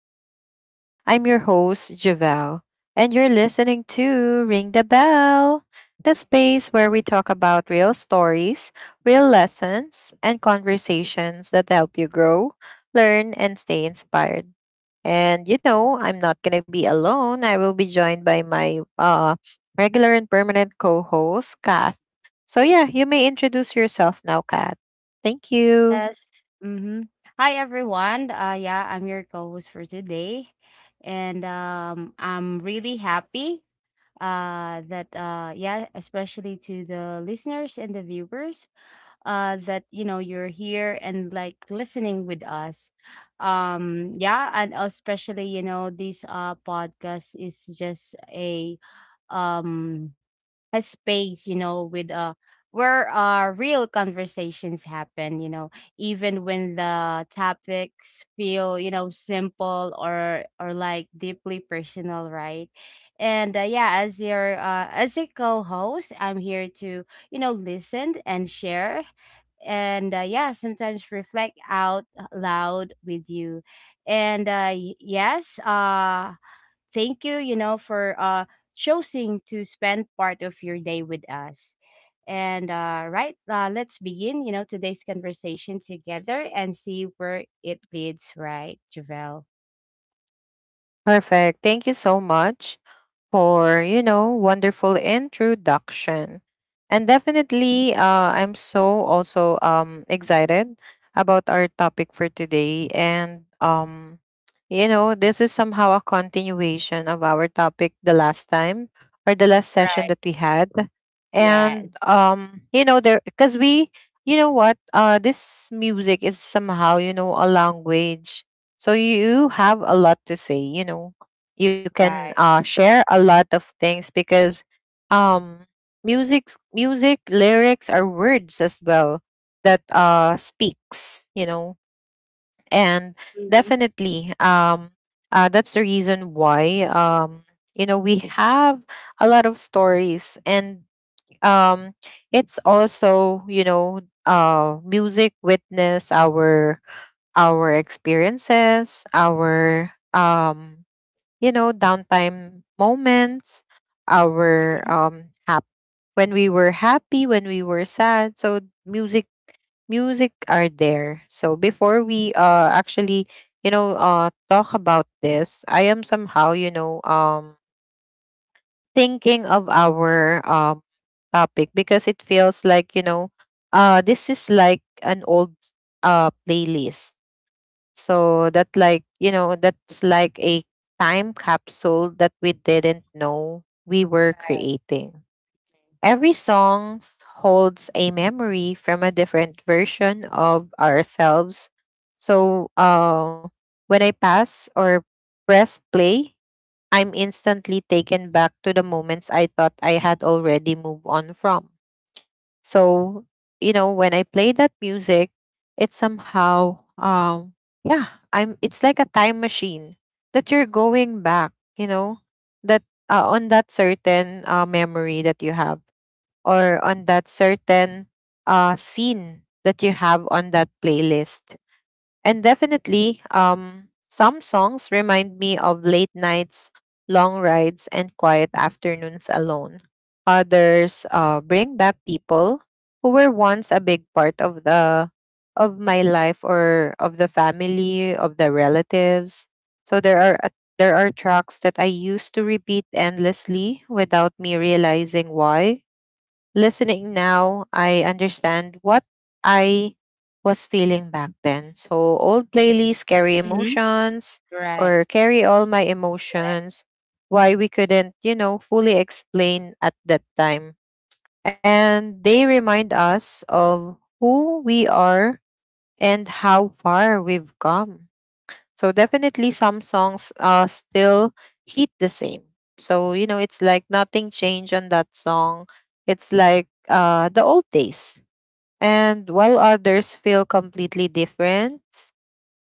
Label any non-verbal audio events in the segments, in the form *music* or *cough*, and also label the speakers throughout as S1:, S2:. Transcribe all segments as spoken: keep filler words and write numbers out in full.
S1: to the show. I'm your host, Javel, and you're listening to Ring the Bell, the space where we talk about real stories, real lessons, and conversations that help you grow, learn, and stay inspired. And you know, I'm not going to be alone. I will be joined by my uh, regular and permanent co host, Kath. So, yeah, you may introduce yourself now, Kath. Thank you.
S2: Yes. Mm-hmm. Hi everyone. Uh yeah, I'm your co-host for today. And um I'm really happy uh that uh yeah, especially to the listeners and the viewers uh that you know you're here and like listening with us. Um yeah, and especially you know this uh podcast is just a um a space, you know, with uh where uh real conversations happen, you know, even when the topics feel, you know, simple or or like deeply personal, right? And uh, yeah, as your uh, as a co-host, I'm here to, you know, listen and share and uh, yeah, sometimes reflect out loud with you. And uh, y- yes, uh thank you, you know, for uh choosing to spend part of your day with us. And uh right, uh, let's begin, you know, today's conversation together and see where it leads, right, Javel?
S1: Perfect. Thank you so much for, you know, wonderful introduction. And definitely, uh, I'm so also um, excited about our topic for today. And, um, you know, this is somehow a continuation of our topic the last time or the last session
S2: Right.
S1: that we had.
S2: Yeah,
S1: And, um, you know, there, because we, you know what, uh, this music is somehow, you know, a language. So you have a lot to say, you know you can
S2: right.
S1: uh, share a lot of things because um, music music lyrics are words as well that uh, speaks you know. And
S2: Mm-hmm.
S1: definitely um, uh, that's the reason why um, you know we have a lot of stories and, um, it's also you know uh, music witness our our experiences, our um, you know, downtime moments, our
S2: Mm-hmm.
S1: um hap- when we were happy, when we were sad. So music music are there. So before we uh actually, you know, uh talk about this, I am somehow, you know, um thinking of our um topic because it feels like, you know, uh this is like an old uh playlist, so that like, you know, that's like a time capsule that we didn't know we were creating. Every song s- holds a memory from a different version of ourselves. So uh when I pass or press play, I'm instantly taken back to the moments I thought I had already moved on from. So, you know, when I play that music, it's somehow um yeah, I'm it's like a time machine that you're going back, you know, that uh, on that certain uh, memory that you have or on that certain uh scene that you have on that playlist. And definitely, um, some songs remind me of late nights, long rides, and quiet afternoons alone. Others uh, bring back people who were once a big part of the of my life or of the family, of the relatives. So there are a- there are tracks that I used to repeat endlessly without me realizing why. Listening now, I understand what I was feeling back then. So old playlists carry
S2: Mm-hmm.
S1: emotions
S2: Right.
S1: or carry all my emotions, why we couldn't, you know, fully explain at that time. And they remind us of who we are and how far we've come. So definitely some songs uh still hit the same. So you know it's like nothing changed on that song. It's like uh the old days. And while others feel completely different,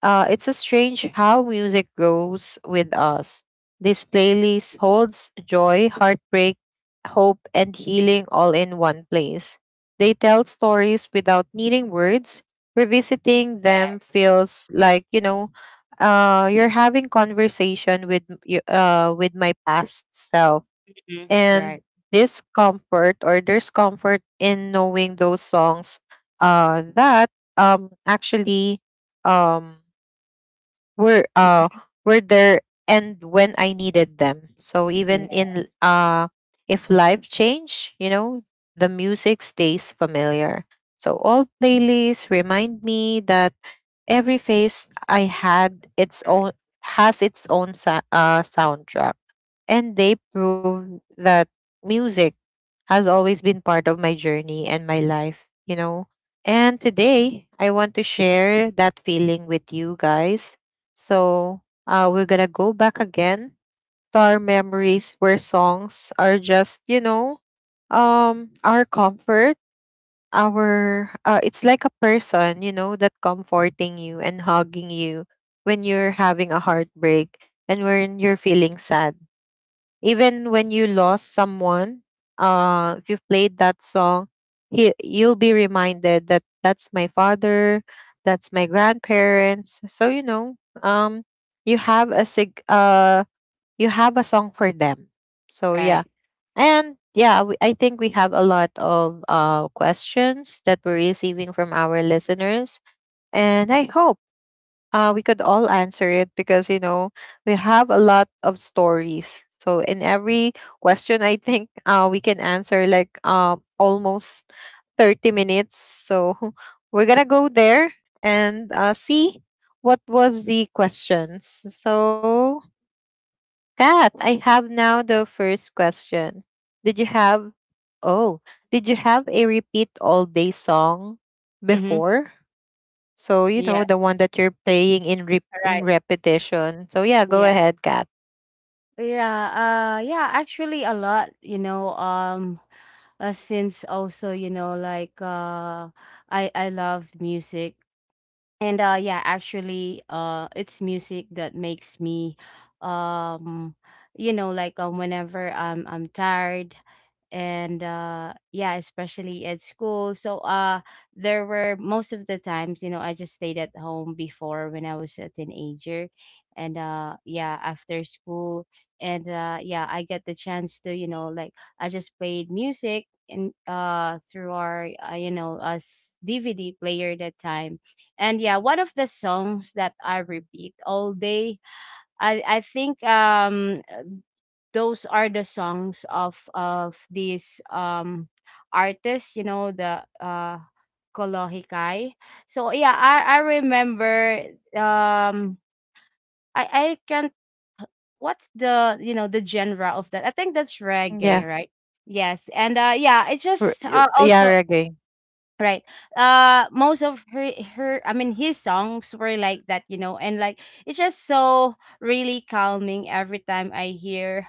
S1: uh, it's a strange how music grows with us. This playlist holds joy, heartbreak, hope, and healing all in one place. They tell stories without needing words. Revisiting them
S2: Yes.
S1: feels like you know, uh, you're having conversation with m- y- uh, with my past self.
S2: Mm-hmm.
S1: And
S2: Right.
S1: this comfort, or there's comfort in knowing those songs, uh, that um actually um were uh were there and when I needed them. So even
S2: Yeah.
S1: in uh if life change, you know, the music stays familiar. So all playlists remind me that every phase I had its
S2: Right.
S1: own has its own sa- uh, soundtrack, and they prove that music has always been part of my journey and my life, you know. And today, I want to share that feeling with you guys. So uh, we're gonna go back again to our memories where songs are just, you know, um, our comfort. Our uh, it's like a person, you know, that comforting you and hugging you when you're having a heartbreak and when you're feeling sad, even when you lost someone. Uh if you've played that song, he, you'll be reminded that that's my father, that's my grandparents. So you know, um you have a sig uh you have a song for them, so yeah.
S2: Right.
S1: And yeah, we, I think we have a lot of uh questions that we're receiving from our listeners, and I hope uh, we could all answer it, because you know we have a lot of stories. So in every question I think uh, we can answer like um, almost thirty minutes, so *laughs* we're gonna go there and uh, see what was the questions. So Kath, I have now the first question. Did you have, oh, did you have a repeat all day song
S2: Mm-hmm.
S1: before? So, you know,
S2: Yes.
S1: the one that you're playing in re- in
S2: Right.
S1: repetition. So, yeah, go
S2: Yeah.
S1: ahead, Kat.
S2: Yeah, uh yeah, actually a lot, you know, um uh, since also, you know, like uh I I love music and uh yeah, actually uh it's music that makes me um you know like um whenever I'm I'm tired and uh yeah, especially at school. So uh there were most of the times, you know, I just stayed at home before when I was a teenager and uh yeah, after school and uh yeah, I get the chance to, you know, like I just played music and uh through our uh, you know, us D V D player that time. And yeah, one of the songs that I repeat all day, I I think um those are the songs of of these um artists, you know, the uh Kolohikai. So yeah, I I remember um I I can't, what's the you know the genre of that? I think that's
S1: Yeah.
S2: reggae, right? Yes. And uh yeah, it's
S1: R-
S2: just
S1: y-
S2: uh,
S1: yeah,
S2: also
S1: reggae.
S2: right. Uh most of her, her, I mean his songs were like that, you know, and like it's just so really calming every time I hear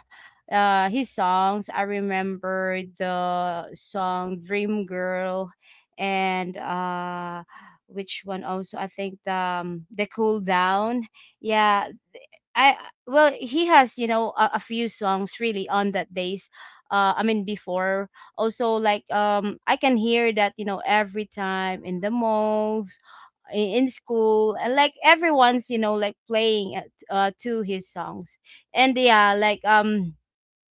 S2: uh his songs. I remember the song Dream Girl and uh which one also, I think the um, the cool down. Yeah, I, well, he has you know a, a few songs really on that days. Uh, I mean before also like um I can hear that you know every time in the malls, in, in school, and like everyone's you know like playing at, uh to his songs, and yeah like um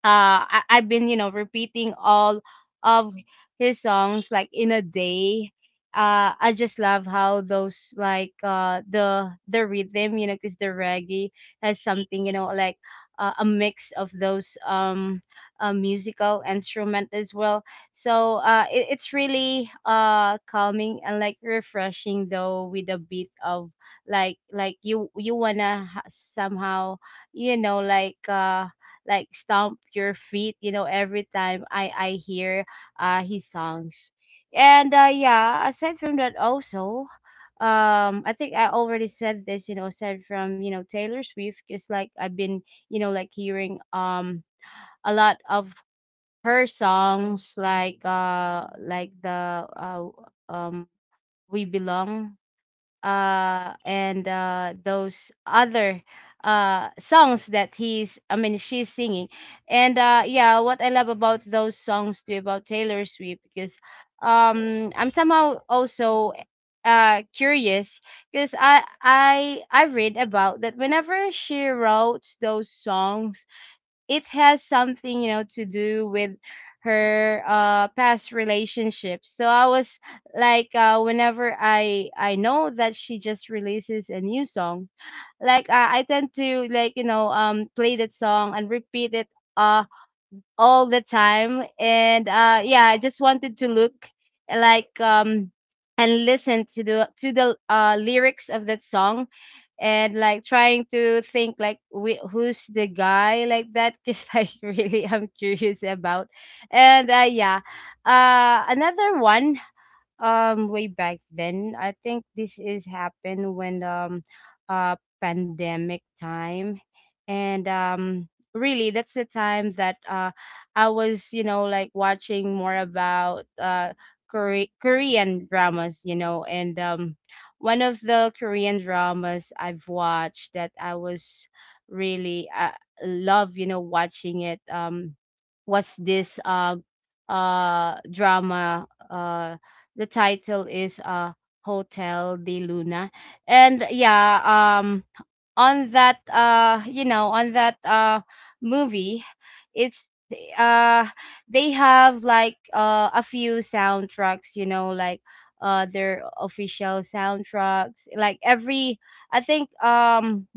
S2: uh I, I've been you know repeating all of his songs like in a day. Uh, I just love how those like uh the the rhythm, you know, because the reggae has something you know like uh, a mix of those um uh, musical instrument as well. So uh it, it's really uh calming and like refreshing though with a bit of like like you, you wanna ha- somehow you know like uh like stomp your feet you know every time i i hear uh his songs. And uh yeah, aside from that, also um I think I already said this, you know, aside from you know Taylor Swift, because like I've been you know like hearing um a lot of her songs, like uh like the uh um we belong uh and uh those other uh songs that he's I mean she's singing. And uh yeah, what I love about those songs too about Taylor Swift, because um I'm somehow also uh curious, because i i i read about that whenever she wrote those songs, it has something you know to do with her uh past relationships. So I was like uh whenever i i know that she just releases a new song, like uh, I tend to like you know um play that song and repeat it uh all the time. And uh yeah, I just wanted to look like um and listen to the, to the uh lyrics of that song, and like trying to think like whi- who's the guy, like, that, because *laughs* like really, I'm curious about. And uh yeah, uh another one, um way back then, I think this is happened when um uh pandemic time. And um really, that's the time that uh I was you know like watching more about uh Kore- Korean dramas, you know. And um one of the Korean dramas I've watched that I was really uh, love you know watching it, um was this uh uh drama, uh the title is uh Hotel de Luna. And yeah, um on that uh you know, on that uh movie, it's uh they have like uh a few soundtracks, you know, like uh their official soundtracks. Like every, I think um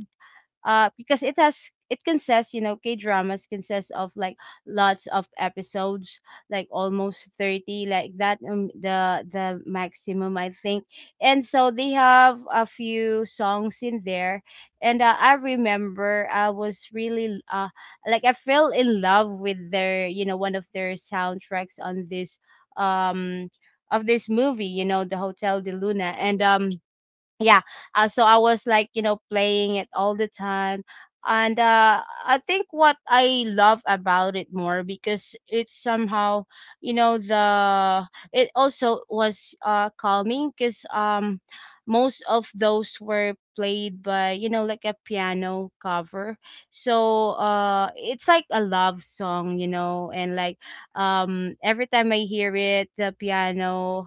S2: uh because it has, it consists, you know, K dramas consist of like lots of episodes, like almost thirty like that, um, the the maximum I think. And so they have a few songs in there. And uh, I remember I was really uh like I fell in love with their you know one of their soundtracks on this um of this movie, you know, the Hotel de Luna. And um yeah, uh, so I was like you know playing it all the time. And uh, I think what I love about it more, because it's somehow you know the, it also was uh calming, because um most of those were played by you know like a piano cover. So uh it's like a love song, you know. And like um every time I hear it, the piano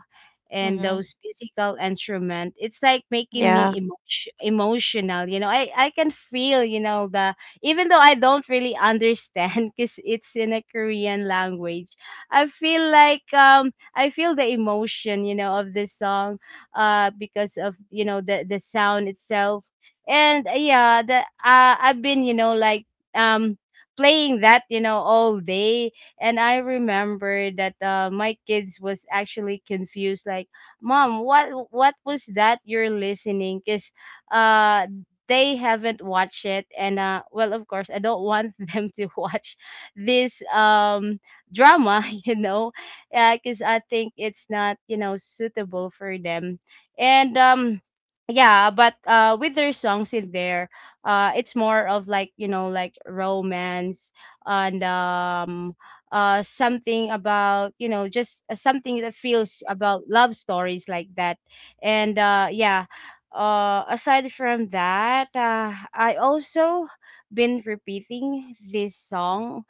S2: and those
S1: Mm-hmm.
S2: musical instrument, it's like making me
S1: Yeah.
S2: emotion, emotional, you know, i i can feel you know the, even though I don't really understand *laughs* because it's in a Korean language. I feel like um I feel the emotion you know of this song uh because of you know the the sound itself. And uh, yeah, the uh, I've been you know like um playing that you know all day. And I remember that uh, my kids was actually confused like, "Mom, what what was that you're listening?" Cuz uh they haven't watched it. And uh well, of course I don't want *laughs* them to watch this um drama, *laughs* you know. Yeah, cuz I think it's not, you know, suitable for them. And um yeah, but uh with their songs in there, uh it's more of like, you know, like romance. And um uh something about you know just uh, something that feels about love stories like that. And uh yeah, uh aside from that, uh I also been repeating this song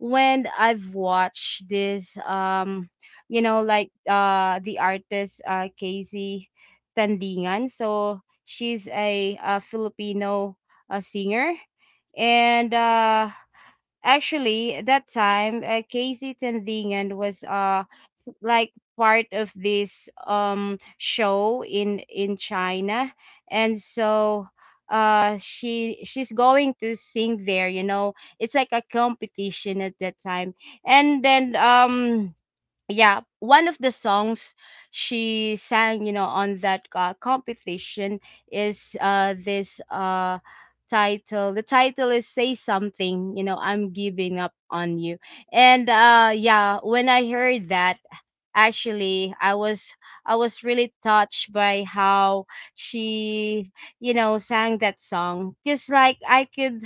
S2: when I've watched this um you know like uh the artist uh Casey Tandingan. So she's a, a Filipino uh, singer. And uh actually, at that time, uh, Casey Tandingan was uh s- like part of this um show in in China. And so uh she, she's going to sing there. You know, it's like a competition at that time. And then um yeah, one of the songs she sang you know on that uh, competition is uh this uh title, the title is say something, you know, I'm giving up on you. And uh yeah, when I heard that, actually i was I was really touched by how she you know sang that song. Just like I could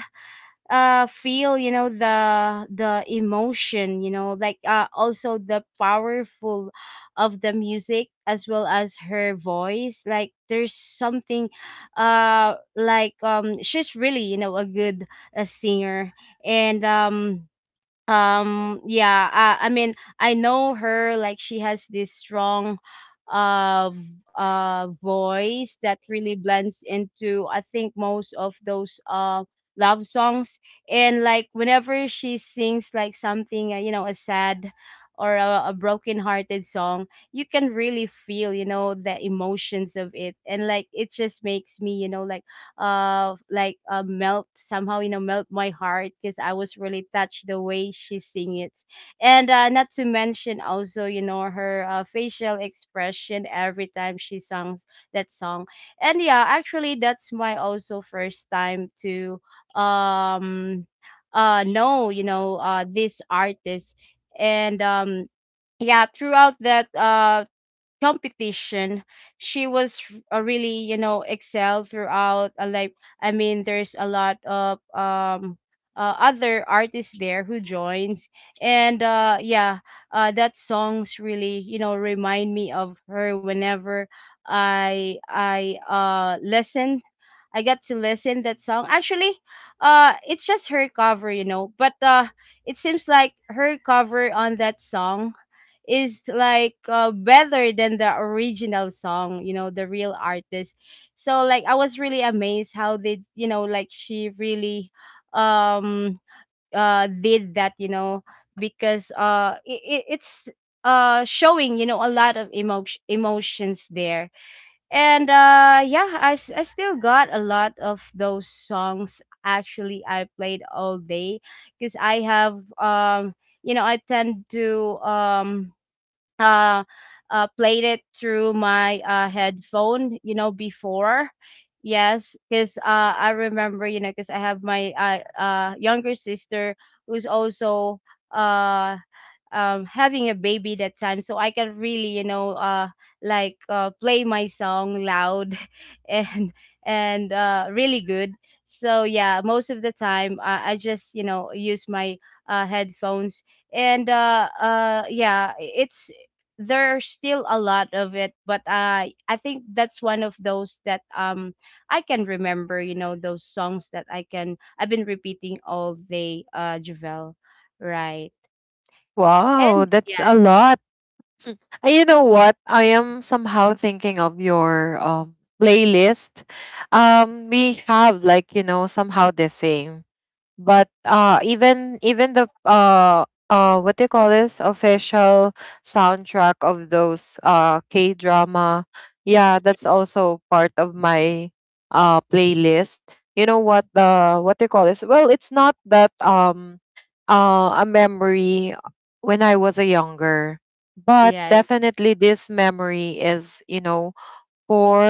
S2: uh feel you know the the emotion, you know, like uh also the powerful of the music as well as her voice. Like there's something uh like um she's really you know a good, a singer. And um um yeah, uh, I mean I know her, like she has this strong uh v- uh voice that really blends into, I think, most of those uh love songs. And like whenever she sings like something uh, you know, a sad or a, a broken hearted song, you can really feel you know the emotions of it. And like it just makes me you know like uh like uh, melt somehow, you know, melt my heart, because I was really touched the way she sing it. And uh, not to mention also you know her uh, facial expression every time she songs that song. And yeah, actually that's my also first time to um uh know you know uh this artist. And um yeah, throughout that uh competition, she was r- uh, really you know excel throughout uh, like, I mean there's a lot of um uh, other artists there who joins. And uh yeah, uh that songs really you know remind me of her whenever I I uh listen, I got to listen that song. Actually, uh, it's just her cover, you know. But uh, it seems like her cover on that song is like uh, better than the original song, you know, the real artist. So like I was really amazed how they, you know, like she really um uh did that, you know, because uh it, it, it's uh showing, you know a lot of emotion emotions there. And uh yeah, I, s- I still got a lot of those songs. Actually, I played all day because I have, um you know I tend to um uh uh played it through my uh headphone, you know before. Yes, because uh I remember, you know because I have my uh, uh younger sister who's also, uh um, having a baby that time, so I can really, you know uh, like uh, play my song loud *laughs* and and uh, really good. So yeah, most of the time, uh, I just, you know use my uh, headphones, and uh, uh, yeah, it's there's still a lot of it, but i i think that's one of those that, um I can remember, you know those songs that i can I've been repeating all day, uh javel, right.
S1: Wow,
S2: And
S1: that's
S2: yeah.
S1: a lot. Uh, you know what? I am somehow thinking of your um playlist. Um, we have like, you know, somehow the same, but uh even even the uh uh what do you call this, official soundtrack of those uh K drama, yeah, that's also part of my uh playlist. You know what, the what do you call this, well it's not that um uh a memory when I was a younger, but
S2: Yes.
S1: definitely this memory is you know for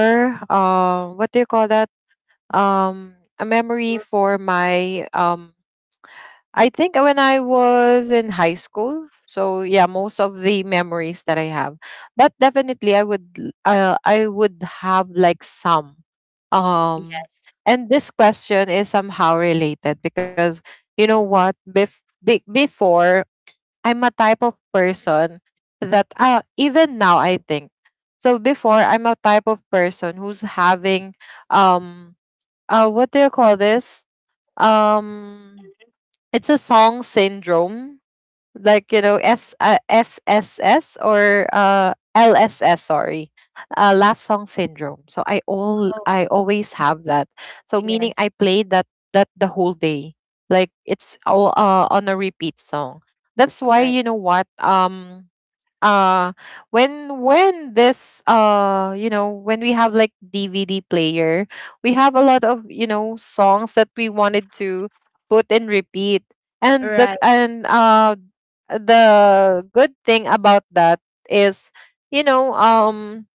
S1: uh what do you call that, um a memory
S2: Mhm.
S1: for my um I think when I was in high school. So yeah, most of the memories that I have. But definitely I would l- uh, I would have like some. Um,
S2: Yes.
S1: and this question is somehow related because you know what, Bef- be- before, I'm a type of person that uh, even now I think. So before I'm a type of person who's having um uh what do you call this? Um, it's a song syndrome, like you know, S uh, S S S or uh, L S S. Sorry, uh, last song syndrome. So I all
S2: Oh,
S1: I always have that. So meaning
S2: yes.
S1: I played that that the whole day, like it's all uh, on a repeat song. That's why
S2: Alright.
S1: you know what, um uh when when this uh you know when we have like dvd player, we have a lot of you know songs that we wanted to put in repeat,
S2: Right.
S1: and the
S2: Right.
S1: and uh the good thing about that is, you know um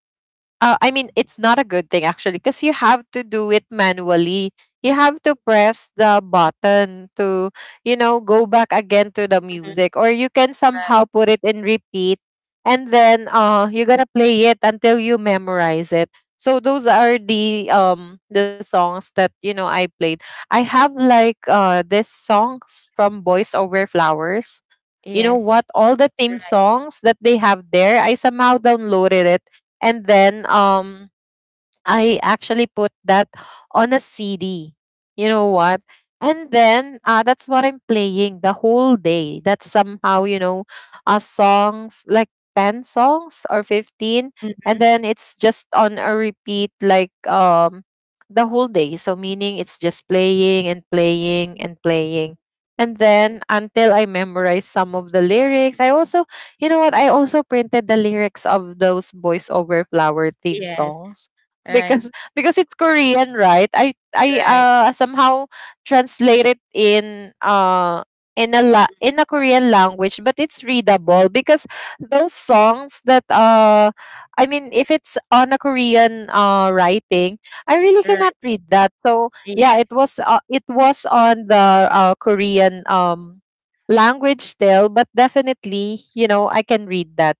S1: uh, I mean, it's not a good thing actually because you have to do it manually. You have to press the button to, you know, go back again to the
S2: Mhm.
S1: music, or you can
S2: Right.
S1: somehow put it in repeat, and then uh, you're gonna play it until you memorize it. So those are the um the songs that you know I played. I have like uh this songs from Boys Over Flowers. You know
S2: Yes.
S1: what? All the theme
S2: Right.
S1: songs that they have there, I somehow downloaded it, and then um I actually put that on a C D. You know what? And then uh, that's what I'm playing the whole day. That's somehow, you know, uh, songs like ten songs or fifteen.
S2: Mm.
S1: And then it's just on a repeat like um, the whole day. So, meaning it's just playing and playing and playing. And then until I memorize some of the lyrics, I also, you know what? I also printed the lyrics of those voiceover flower theme
S2: Yes.
S1: songs
S2: Right.
S1: because because it's Korean, right? I I
S2: Right.
S1: uh somehow translate it in uh in a la- in a Korean language, but it's readable because those songs that uh I mean if it's on a Korean uh writing, I really
S2: Right.
S1: cannot read that. So yeah,
S2: Yeah.
S1: it was uh, it was on the uh, Korean um language still, but definitely you know I can read that.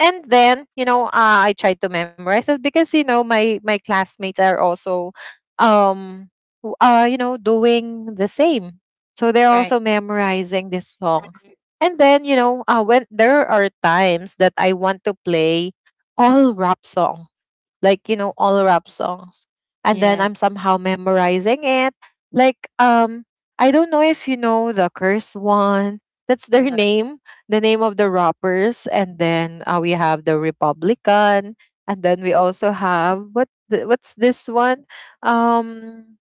S1: And then you know uh, I tried to memorize it because you know my my classmates are also um w- uh you know doing the same, so they're
S2: Right.
S1: also memorizing these songs.
S2: Mm.
S1: And then you know uh, when there are times that I want to play all rap songs, like you know all rap songs, and then
S2: Yes.
S1: I'm somehow memorizing it, like um I don't know if you know the curse one, that's their *laughs*
S2: Right.
S1: name, the name of the rappers. And then uh, we have the republican, and then we also have what the, what's this one, um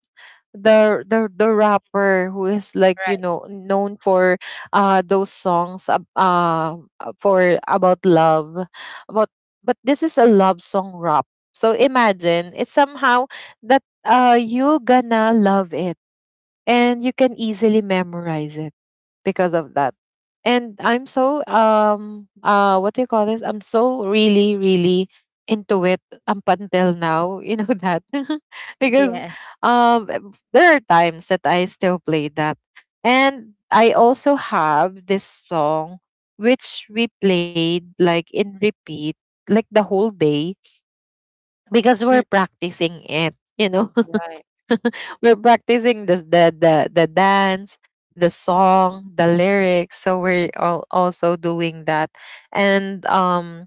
S1: the the the rapper who is like you
S2: Right.
S1: know known for uh those songs ab- uh uh, for about love, about, but this is a love song rap. So imagine it's somehow that uh you gonna love it and you can easily memorize it because of that. And I'm so um uh what do you call this? I'm so really, really into it up until now, *laughs* you know that. *laughs* Because
S2: Yes.
S1: um eh, there are times that I still play that. And I also have this song which we played like in repeat like the whole day because
S2: Mm.
S1: we're practicing it you know.
S2: Right.
S1: *laughs* We're practicing this, the the the dance, the song, the lyrics. So we're all also doing that, and um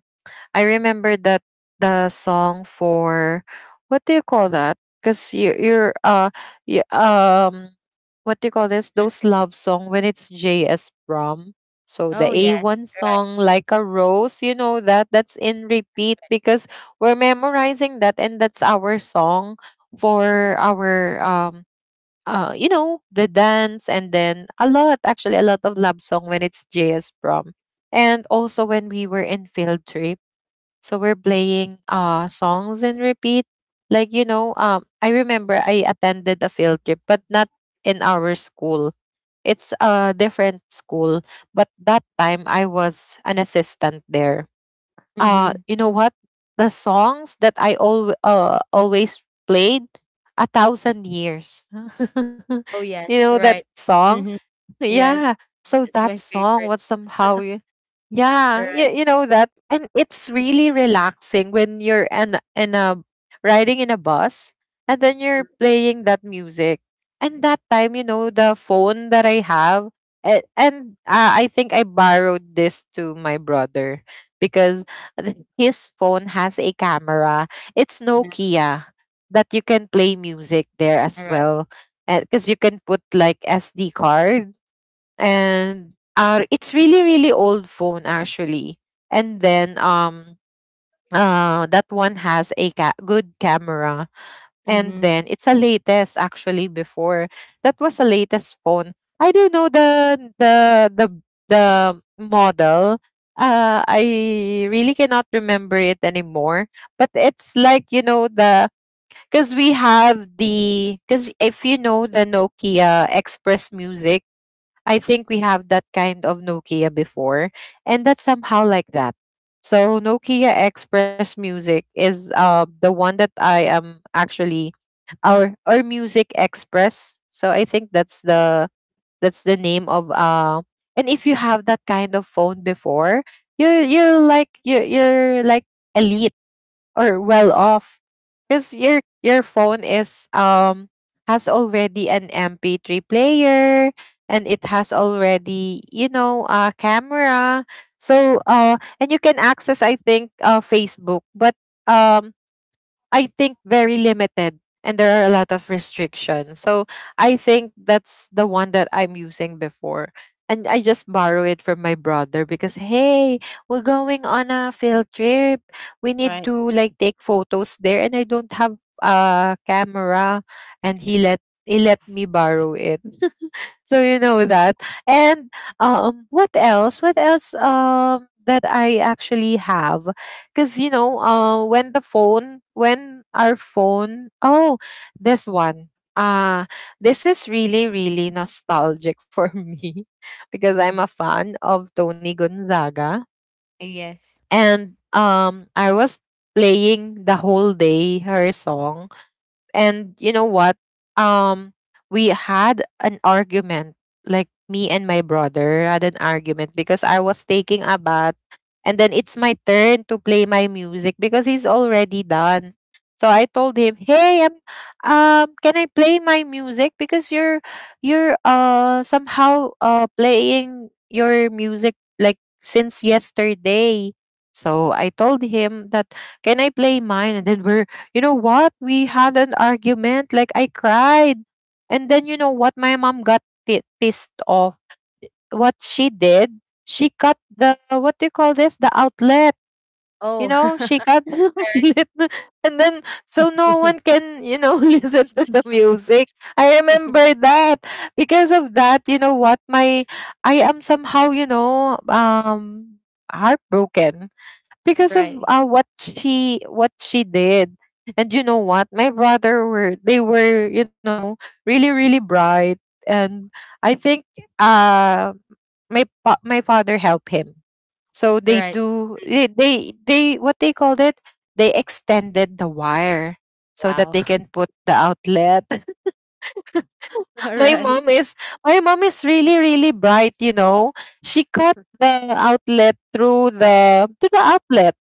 S1: I remember that the song for what do you call that? Because you you're uh you, um what do you call this?
S2: Mhm.
S1: Those love song when it's J S Brom. So the
S2: Oh, yes.
S1: A one
S2: Right.
S1: song like a rose, you know that that's in repeat because we're memorizing that and that's our song
S2: Mm-hmm.
S1: for our um uh you know the dance, and then a lot, actually a lot of love song when it's J S Brom. And also when we were in field trip, so we're playing uh songs and repeat. Like you know, um I remember I attended a field trip but not in our school. It's a different school, but that time I was an assistant there. Uh
S2: Mm-hmm.
S1: you know what? The songs that I al- uh, always played a thousand years.
S2: Oh,
S1: *laughs* You
S2: yes.
S1: know that
S2: Right.
S1: song?
S2: Mm-hmm.
S1: Yeah,
S2: Yes.
S1: so
S2: It's
S1: that
S2: my
S1: song
S2: favorite.
S1: was somehow y- yeah, you,
S2: Right.
S1: you know that, and it's really relaxing when you're in, in a riding in a bus and then you're playing that music. And that time, you know, the phone that I have, and, and uh, I think I borrowed this to my brother because th- his phone has a camera. It's
S2: Mm-hmm.
S1: Nokia, that you can play music there as
S2: All right.
S1: well because you can put like SD card. And uh, it's really really old phone actually. And then um uh, that one has a ca- good camera, and
S2: Mm-hmm.
S1: then it's a latest actually before, that was a latest phone. I don't know the the the the model. Uh i really cannot remember it anymore. But it's like, you know the, because we have the, because if you know the Nokia Express Music, I think we have that kind of Nokia before, and that's somehow like that. So Nokia Express Music is uh the one that I am actually, our or Music Express. So I think that's the, that's the name of uh and if you have that kind of phone before, you're you're like you're you're like elite or well off, because your your phone is um has already an M P three player, and it has already, you know, a camera. So uh and you can access, I think, uh Facebook, but um I think very limited, and there are a lot of restrictions. So I think that's the one that I'm using before. And I just borrow it from my brother because, hey, we're going on a field trip. We need
S2: Right.
S1: to like take photos there and I don't have a camera. And he
S2: Mm-hmm.
S1: let he let me borrow it. *laughs* So you know that. And um what else, what else um that I actually have, because you know uh, when the phone, when our phone, oh, this one. uh this is really really nostalgic for *laughs* me because
S2: Mm-hmm.
S1: I'm a fan of Tony Gonzaga.
S2: Yes.
S1: And um I was playing the whole day her song. And you know what, um we had an argument. Like, me and my brother had an argument because I was taking a bath, and then it's my turn to play my music because he's already done. So I told him, hey, um, um can I play my music, because you're you're uh somehow uh playing your music like since yesterday. So I told him that, can I play mine? And then we're, you know what? We had an argument. Like, I cried. And then, you know what? My mom got pi pissed off. What she did, she cut the, what do you call this? The outlet. You
S2: Oh.
S1: know, she
S2: *laughs*
S1: cut *laughs*
S2: Right.
S1: the outlet. And then, so no one
S2: *laughs*
S1: can, you know, *laughs* listen to the music. I remember that. Because of that, you know what? My, I am somehow, you know, um, heartbroken because of
S2: Right.
S1: uh, what she, what she did. And you know what, my brother were, they were, you know, really really bright. And I think uh my pa- my father helped him. So they
S2: Right.
S1: do, they, they they what they called it, they extended the wire so that
S2: Wow.
S1: they can put the outlet.
S2: *laughs*
S1: *laughs*
S2: All
S1: My
S2: right.
S1: mom is, my mom is really really bright, you know. She cut the outlet through
S2: Right.
S1: the, to the outlet.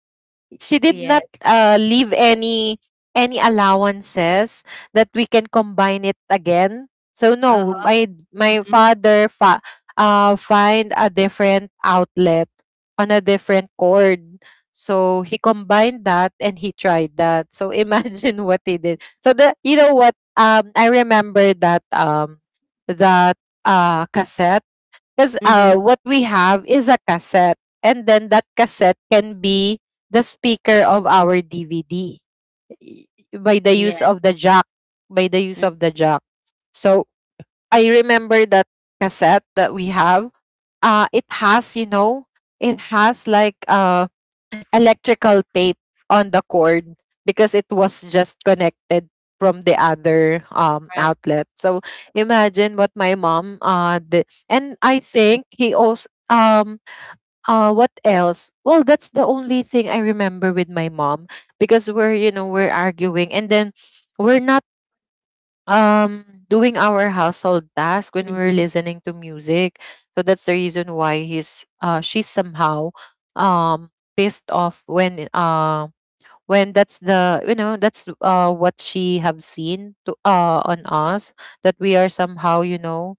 S1: She did not
S2: Yes.
S1: uh, leave any any allowances that we can combine it again. So no,
S2: Uh-huh.
S1: my my
S2: Mhm.
S1: father fa- uh, find a different outlet on a different cord. So he combined that and he tried that. So imagine *laughs* what he did. So the, you know what, um I remember that um that uh cassette. Because uh,
S2: Mhm.
S1: what we have is a cassette, and then that cassette can be the speaker of our D V D y- by the use
S2: Yes.
S1: of the jack, by the use
S2: Mm,
S1: of the jack. So I remember that cassette that we have. Uh it has, you know, it has like uh electrical tape on the cord because it was just connected from the other um
S2: right.
S1: outlet. So imagine what my mom uh did. And I think he also um uh what else? Well, that's the only thing I remember with my mom, because we're, you know, we're arguing, and then we're not um doing our household task when we're
S2: Mhm.
S1: listening to music. So that's the reason why he's uh she's somehow um pissed off when uh when that's the, you know, that's uh what she have seen to uh on us, that we are somehow, you know.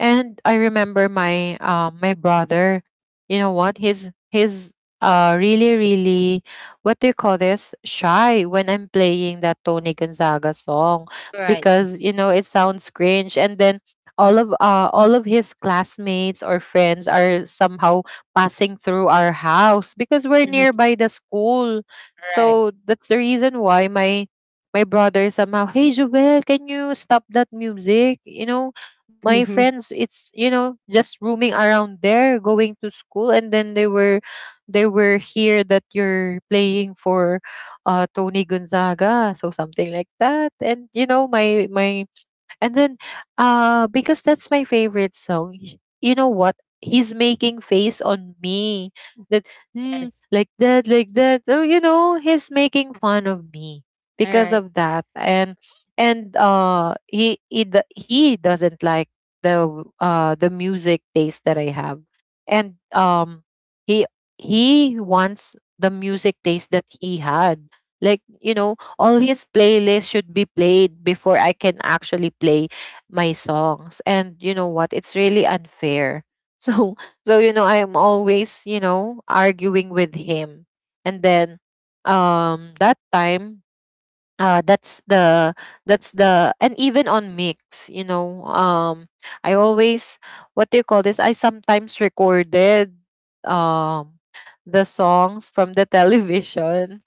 S1: And I remember my um my brother, you know what? He's he's uh really, really, what do you call this? Shy when I'm playing that Tony Gonzaga song,
S2: Right.
S1: because you know it sounds cringe. And then all of uh all of his classmates or friends are somehow passing through our house because we're
S2: Mhm.
S1: nearby the school.
S2: Right.
S1: So that's the reason why my my brother somehow, hey Joel, can you stop that music? You know, my
S2: Mhm.
S1: friends, it's, you know, just roaming around there going to school, and then they were, they were here that you're playing for uh Tony Gonzaga. So something like that. And you know my my, and then, uh, because that's my favorite song, y- you know what? He's making face on me, that "Mm,
S2: Yes.
S1: like that, like that." Oh, you know, he's making fun of me
S2: All
S1: because
S2: right.
S1: of that. And and uh, he he d- he doesn't like the w- uh the music taste that I have. And um he he wants the music taste that he had, like you know, all his playlists should be played before I can actually play my songs. And you know what? It's really unfair. *laughs* So, so you know, I am always, you know, arguing with him. And then um that time uh, that's the, that's the, and even on mix, you know, um I always, what do you call this, I sometimes recorded um the songs from the *laughs* television,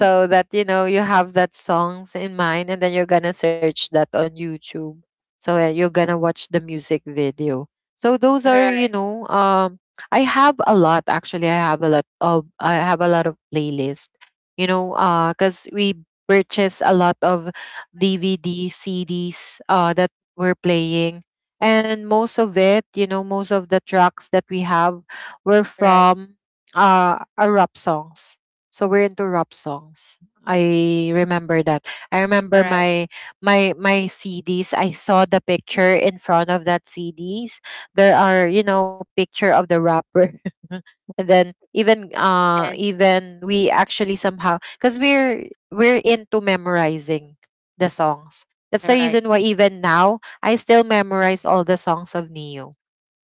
S2: Mm.
S1: that, you know, you have that songs in mind and then you're gonna search that on YouTube. So uh, you're gonna watch the music video. So those
S2: All
S1: are, you
S2: right.
S1: know, um I have a lot, actually i have a lot of I have a lot of playlist, you know. Uh because we purchase a lot of D V D, C Ds uh, that we're playing. And most of it, you know, most of the tracks that we have were
S2: All right.
S1: from uh, our rap songs. So we're into rap songs. I remember that. I
S2: All
S1: remember
S2: right.
S1: my my my C Ds. I saw the picture in front of that C Ds. There are, you know, picture of the rapper. *laughs* And then even, uh
S2: Yes.
S1: even we actually somehow, because we're we're into memorizing the songs. That's
S2: All
S1: the
S2: right.
S1: reason why even now I still memorize all the songs of Neo.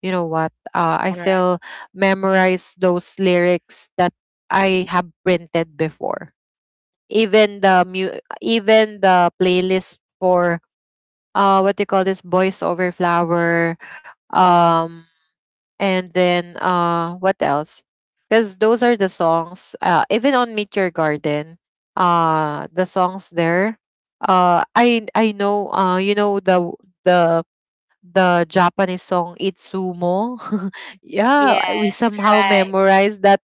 S1: You know what? Uh, I
S2: All right.
S1: still memorize those lyrics that I have printed before. Even the mu- even the playlist for uh what do you call this, Boys Over Flower.
S2: Mhm.
S1: um and then uh what else? Because those are the songs. Uh even on Meet Your Garden, uh the songs there. Uh I I know uh you know the w- the the Japanese song Itsumo. *laughs* Yeah, I- we
S2: Yes.
S1: somehow
S2: Right.
S1: memorized that,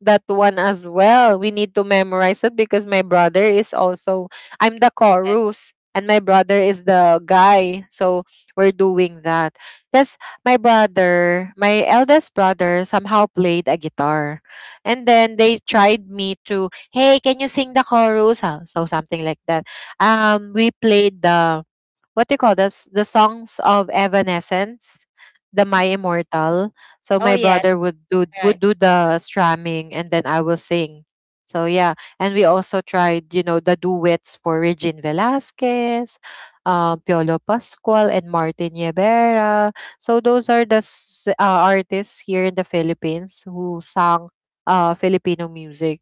S1: that one as well. We need to memorize it because my brother is also, I'm the
S2: Yes.
S1: chorus and my brother is the guy. So we're doing that. Because my brother, my eldest brother somehow played a guitar. And then they tried me to, hey, can you sing the chorus? Ah, so something like that. Um we played the, what do you call this, the songs of Evanescence, the
S2: Mm.
S1: My Immortal. So
S2: Oh,
S1: my
S2: yes.
S1: brother would do, would
S2: Right.
S1: do the strumming and then I will sing. So yeah, and we also tried, you know, the duets for Regine Velasquez, uh, Piolo Pascual, and Martin Yebera. So those are the s- uh, artists here in the Philippines who sang uh, Filipino music.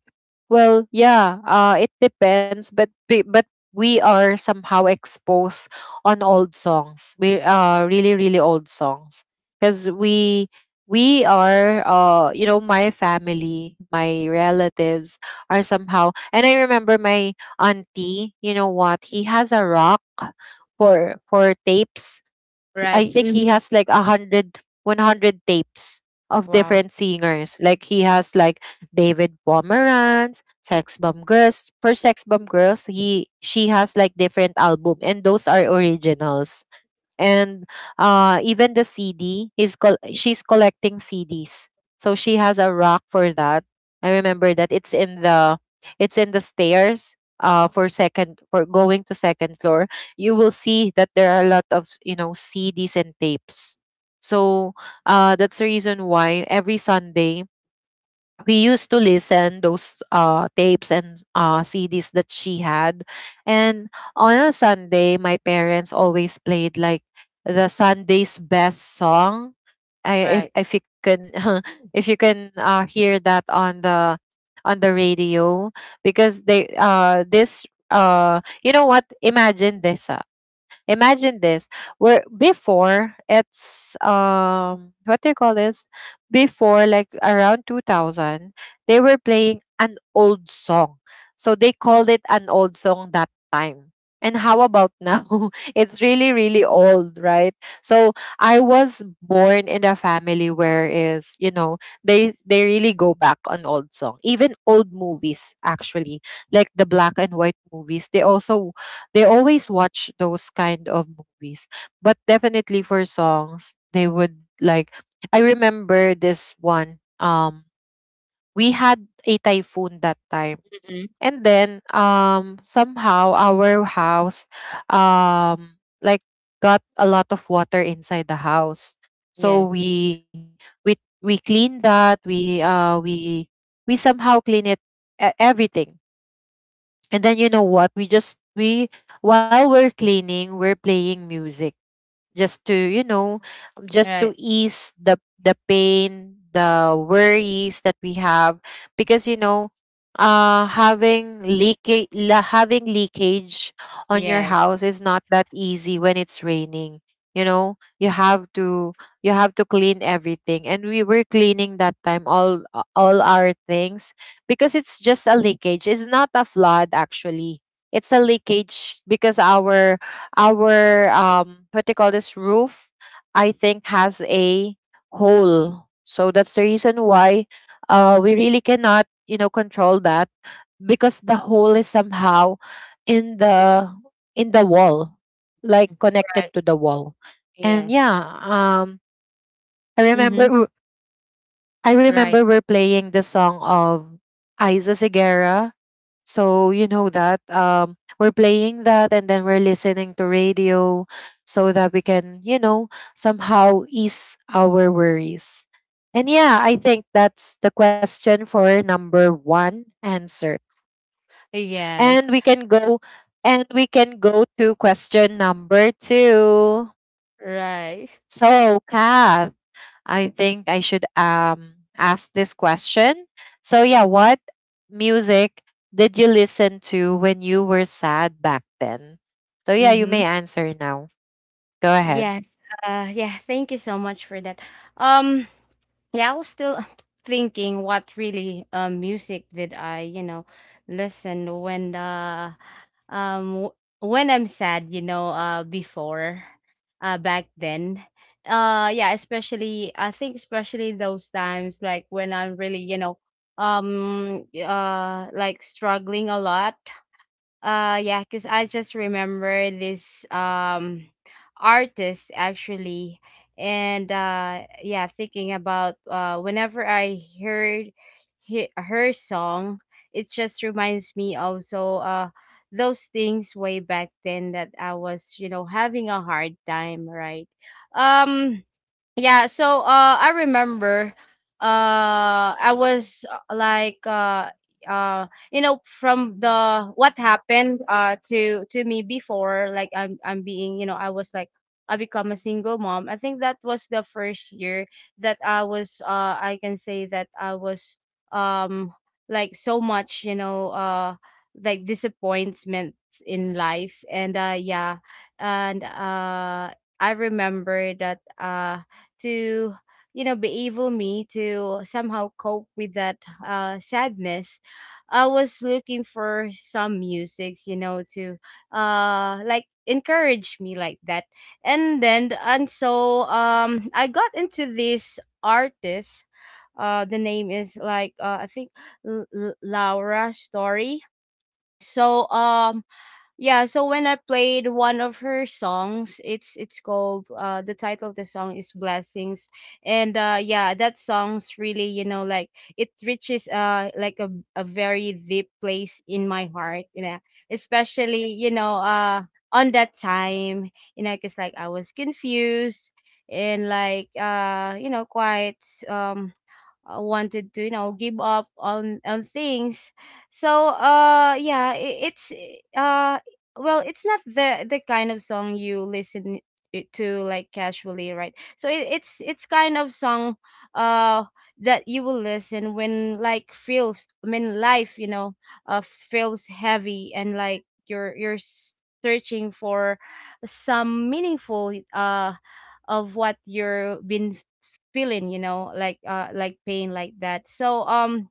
S1: Well, yeah, uh, it depends, but be- but we are somehow exposed on old songs. We are really really old songs because we we are uh you know my family, my relatives are somehow and I remember my auntie, you know what? He has a rock for for tapes.
S2: Right.
S1: I think
S2: Mhm.
S1: he has like a hundred, one hundred tapes of
S2: Wow.
S1: different singers. Like he has like David Pomeranz, Sex Bomb Girls. For Sex Bomb Girls, he she has like different album and those are originals and uh, even the C D is col- she's collecting C Ds. So she has a rack for that. I remember that it's in the it's in the stairs uh for second for going to second floor. You will see that there are a lot of you know C Ds and tapes. So uh that's the reason why every Sunday we used to listen those uh, tapes and uh, C Ds that she had. And on a Sunday, my parents always played like the Sunday's best song. I, if
S2: Right.
S1: if you can *laughs* if you can uh, hear that on the on the radio because they uh this uh you know what imagine this ah, Imagine this. Where before it's um what do you call this? Before like around two thousand, they were playing an old song. So they called it an old song that time. And how about now? *laughs* It's really really old, right? So I was born in a family where is, you know, they they really go back on old song. Even old movies actually, like the black and white movies, they also they always watch those kind of movies, but definitely for songs they would like. I remember this one, um we had a typhoon that time,
S2: Mhm.
S1: and then um somehow our house, um like got a lot of water inside the house. So
S2: Yes.
S1: we we we clean that, we uh we we somehow clean it, e- everything. And then you know what? We just we while we're cleaning, we're playing music. Just to you know just to
S2: Right.
S1: ease the the pain, the worries that we have, because you know uh having leakage, having leakage on your
S2: Yes.
S1: house is not that easy when it's raining. You know you have to you have to clean everything, and we were cleaning that time all all our things, because it's just a leakage, it's not a flood actually. It's a leakage because our our um what they call this, roof, I think, has a hole. So that's the reason why uh we really cannot you know control that, because the hole is somehow in the in the wall, like connected
S2: Right.
S1: to the wall. And
S2: Yes.
S1: yeah, um I
S2: Mhm.
S1: remember *laughs* I
S2: Right.
S1: remember we're playing the song of Isa Segura. So you know that um we're playing that, and then we're listening to radio so that we can, you know, somehow ease our worries. And yeah, I think that's the question for number one answer. And
S2: Yes.
S1: we can go and we can go to question number two.
S2: Right.
S1: So, Kath, I think I should um ask this question. So yeah, what music did you listen to when you were sad back then? So yeah, you may
S2: Mhm.
S1: answer now. Go ahead.
S2: Yes. Uh, yeah. Thank you so much for that. Um, yeah, I was still *sighs* *clears throat* thinking what really uh, music did I, you know, listen when uh um w- when I'm sad, you know, uh before, uh back then. Uh yeah, especially I think especially those times, like when I'm really, you know, um uh like struggling a lot, uh yeah, because I just remember this, um artist actually. And uh yeah, thinking about uh whenever I heard he, her song, it just reminds me also uh those things way back then that I was, you know, having a hard time, right? Um yeah, so uh I remember, uh I was, uh, like uh uh you know from the what happened uh to to me before, like I'm I'm being, you know I was like I become a single mom. I think that was the first year that I was, uh I can say that I was, um like so much, you know, uh like disappointments in life. And uh yeah, and uh I remember that, uh to, you know be able me to somehow cope with that uh, sadness. I was looking for some musics, you know to uh like encourage me like that. And then, and so, um I got into this artist. Uh the name is like, uh, I think, L- L- Laura Story. So, um yeah, so when I played one of her songs, it's it's called, uh the title of the song is Blessings. And uh yeah, that song's really, you know, like it reaches, uh like a, a very deep place in my heart, you know. Especially, you know, uh on that time, you know, cuz like I was confused, and like uh you know, quite, um uh, wanted to, you know give up on on things. So uh yeah, it, it's eh, uh well, it's not the the kind of song you listen it to, like casually, right? So it, it's it's kind of song uh that you will listen when, like, feels, I mean, life, you know uh feels heavy, and like you're you're s- searching for some meaningful uh of what you're been feeling, you know like uh like pain like that. So, um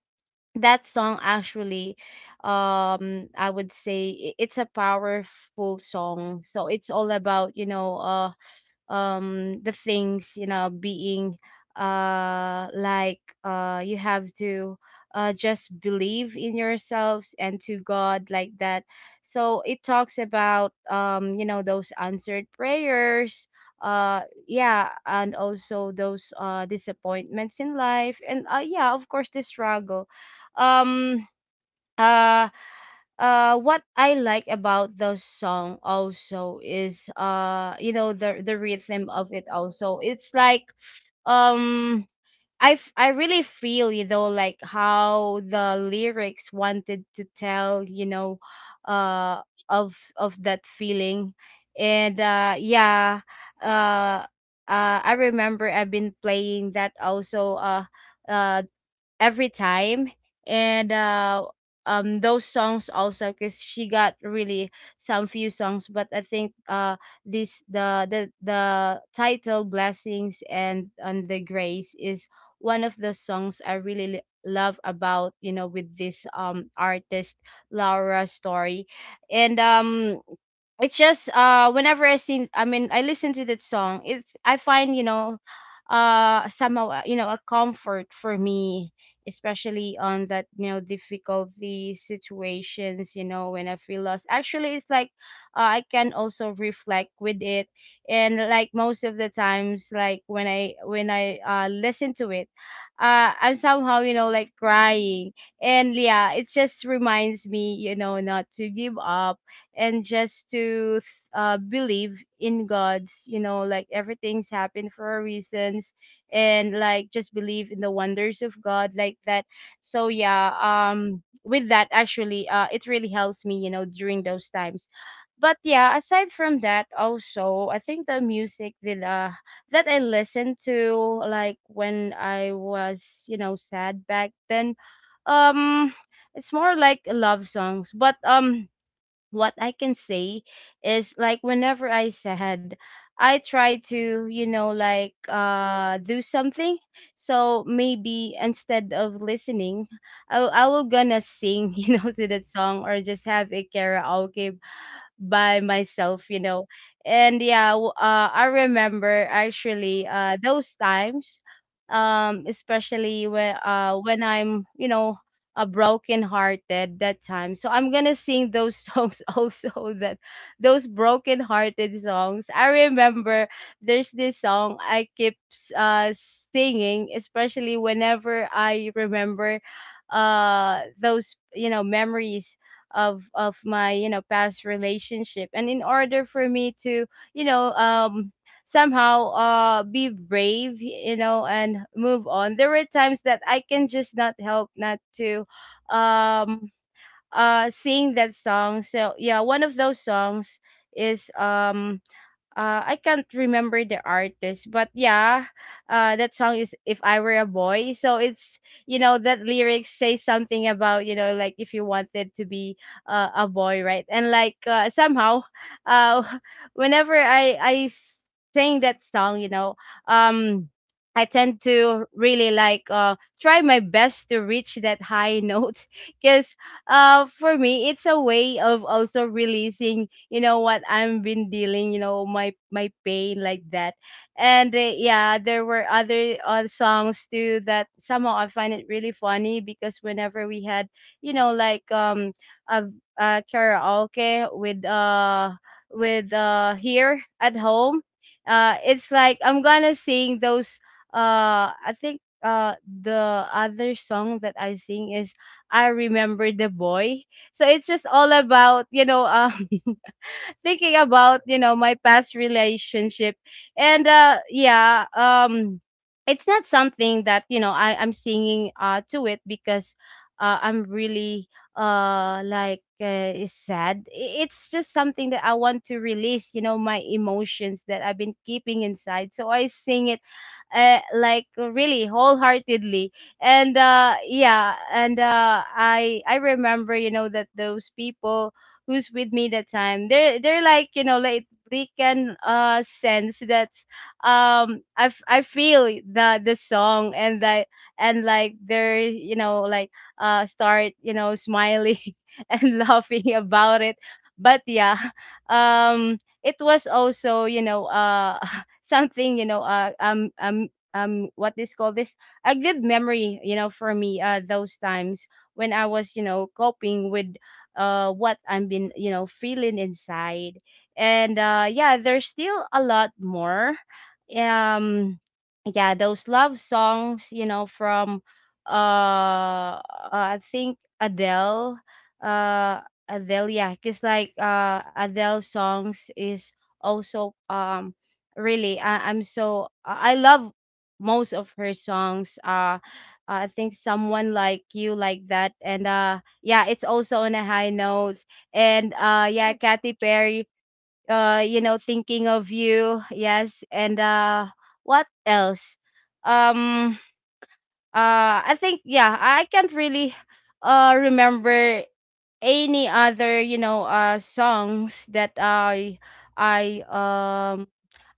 S2: that song actually, um I would say, i- it's a powerful song. So it's all about, you know uh um the things, you know being, uh like uh you have to, uh just believe in yourselves and to God, like that. So it talks about, um you know those answered prayers, uh yeah. And also those uh disappointments in life, and uh yeah, of course, the struggle. um uh uh what I like about the song also is, uh you know the the rhythm of it also. It's like, um I f- I really feel, you know like how the lyrics wanted to tell, you know, uh of of that feeling. And uh yeah, uh uh I remember I've been playing that also, uh uh every time, and, uh um those songs also, because she got really some few songs. But I think, uh this, the the the title Blessings and and The Grace, is one of the songs I really, li- love about, you know with this, um artist Laura Story. And, um it's just, uh whenever I sing, I mean, I listen to that song, it's, I find, you know uh somehow, uh, you know a comfort for me, especially on that, you know difficulty situations, you know when I feel lost actually. It's like uh, I can also reflect with it. And like most of the times, like when I when I uh listen to it, uh I'm somehow, you know like crying. And yeah, it just reminds me, you know not to give up. And just to uh, believe in God's, you know, like everything's happened for a reasons, and like just believe in the wonders of God, like that. So yeah, um, with that actually, uh, it really helps me, you know, during those times. But yeah, aside from that, also, I think the music that, uh, that I listened to, like when I was, you know, sad back then, um, it's more like love songs. But, um what I can say is, like, whenever I said, I try to, you know, like uh do something. So maybe instead of listening, I, I will gonna sing, *laughs* you know, to that song, or just have a karaoke by myself, you know. And yeah, w- uh, I remember actually, uh, those times, um, especially when, uh, when I'm, you know, a broken hearted that time. So I'm gonna sing those *laughs* songs also, that those broken hearted songs. I remember there's this song I keep, s- uh, singing, especially whenever I remember uh those, you know memories of of my, you know past relationship. And in order for me to, you know um somehow, uh be brave, you know and move on, there were times that I can just not help not to, um uh sing that song. So yeah, one of those songs is, um uh, I can't remember the artist, but yeah, uh, that song is "If I Were a Boy." So it's, you know that lyrics say something about, you know like if you wanted to be uh, a boy, right? And like, uh, somehow, uh, *laughs* whenever I I s- sing that song, you know, um. I tend to really like, uh, try my best to reach that high note, *laughs* because, uh, for me it's a way of also releasing, you know what I've been dealing, you know, my my pain, like that. And, uh, yeah, there were other uh, songs too that somehow I find it really funny, because whenever we had, you know, like, um a, a karaoke with, uh with uh here at home, uh it's like I'm gonna sing those, uh I think, uh the other song that I sing is I Remember the Boy. So it's just all about, you know, um *laughs* *laughs* thinking about, you know my past relationship. And, uh yeah, um it's not something that, you know I, I'm singing uh to it because, uh, I'm really, uh like uh, is sad. I- it's just something that I want to release, you know my emotions that I've been keeping inside, so I sing it uh, like, really wholeheartedly. And, uh yeah, and, uh i i remember, you know that those people who's with me that time, they're they're, like, you know like they can uh sense that, um i, f- I feel the the song and that, and like they're, you know like, uh start, you know smiling *laughs* and laughing about it. But yeah, *laughs* um it was also, you know uh *laughs* something, you know uh um um um what is called this, a good memory, you know for me, uh those times when I was, you know coping with, uh what I've been, you know feeling inside. And, uh yeah, there's still a lot more. um yeah, those love songs, you know from uh I think Adele, uh Adele, yeah, because like, uh Adele songs is also, um really, I, I'm so, I I love most of her songs. uh I think Someone Like You, like that. And, uh yeah, it's also on a high notes. And, uh yeah, Katy Perry, uh, you know, Thinking of You, yes. And, uh what else? Um uh I think, yeah, I can't really uh remember any other, you know, uh songs that I I um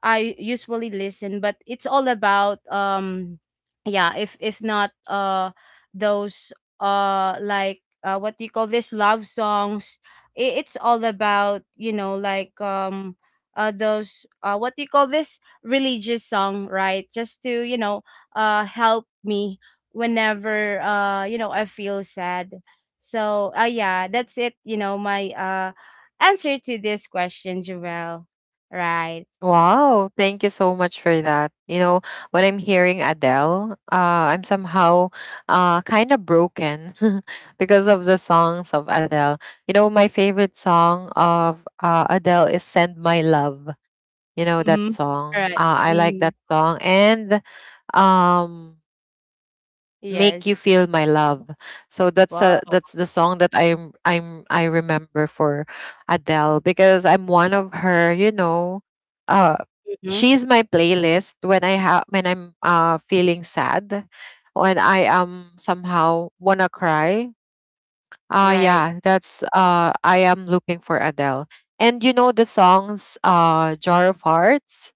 S2: I usually listen, but it's all about, um yeah, if if not, uh those, uh like uh what do you call this, love songs, i- it's all about, you know, like, um uh those, uh what do you call this, religious song, right? Just to, you know, uh help me whenever, uh you know, I feel sad. So, uh yeah, that's it, you know, my uh answer to this question, Joelle. Right.
S1: Wow, thank you so much for that. You know, when I'm hearing Adele, uh, I'm somehow uh kind of broken *laughs* because of the songs of Adele. You know, my favorite song of uh, Adele is Send My Love. You know that
S2: Mhm.
S1: song?
S2: Right.
S1: Uh, I like
S2: Mhm.
S1: that song. And um Make You
S2: Yes.
S1: Feel My Love. So that's a
S2: Wow.
S1: that's the song that I'm I'm I remember for Adele, because I'm one of her, you know, uh
S2: Mhm.
S1: she's my playlist when I have, when I'm uh feeling sad, when I am somehow wanna cry. Uh
S2: Right.
S1: yeah, that's uh I am looking for Adele. And you know the songs uh Jar of Hearts?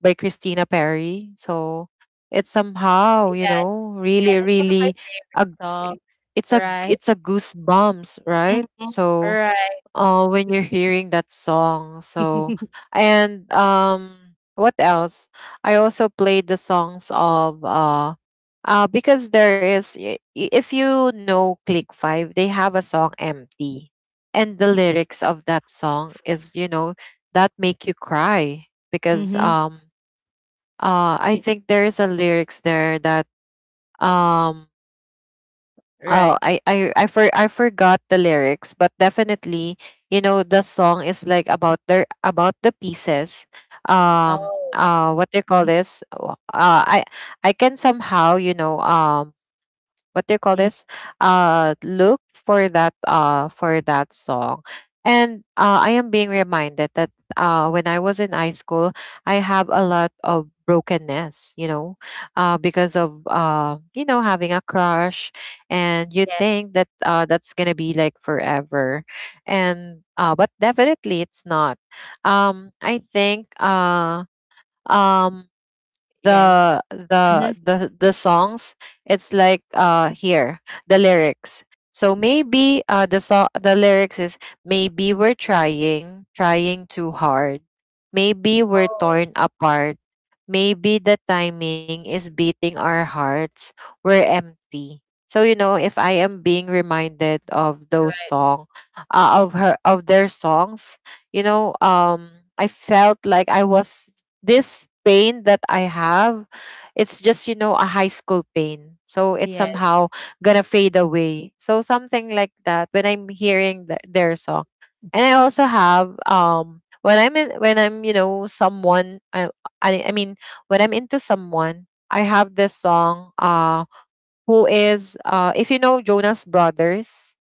S1: By Christina Perry. So it's somehow, you
S2: Yes.
S1: know,
S2: Yeah,
S1: really,
S2: that's one of my
S1: really
S2: favorite
S1: a g-
S2: songs.
S1: it's a
S2: Right.
S1: it's a goosebumps, right?
S2: Mhm.
S1: So
S2: Right.
S1: uh when you're hearing that song. So
S2: *laughs*
S1: and um what else? I also played the songs of uh uh because there is i- i- if you know Click five, they have a song Empty. And the lyrics of that song is, you know, that make you cry because
S2: Mhm.
S1: um uh I think there's a lyrics there that um oh,
S2: Right.
S1: I I I for I forgot the lyrics, but definitely you know the song is like about their about the pieces. um
S2: Oh.
S1: uh what they call this, uh I I can somehow you know um what do you call
S2: Mm,
S1: this, uh look for that, uh for that song. And uh, I am being reminded that uh when I was in high school, I have a lot of brokenness, you know, uh because of uh you know having a crush, and you
S2: yeah.
S1: think that uh that's gonna be like forever. And uh but definitely it's not. um I think uh um
S2: Yes.
S1: the the
S2: Mhm.
S1: the the songs, it's like uh here, the lyrics. So maybe uh the song, the lyrics is: maybe we're trying trying too hard, maybe we're
S2: Oh,
S1: torn apart, maybe the timing is beating our hearts, we're empty. So you know if I am being reminded of those
S2: alright.
S1: song, uh, of her, of their songs, you know um I felt like I was this pain that I have, it's just you know a high school pain, so it's
S2: Yes.
S1: somehow gonna fade away. So something like that when I'm hearing th- their song. And I also have um when i'm in, when I'm you know someone I, I i mean when I'm into someone, I have this song, uh who is uh if you know Jonas Brothers.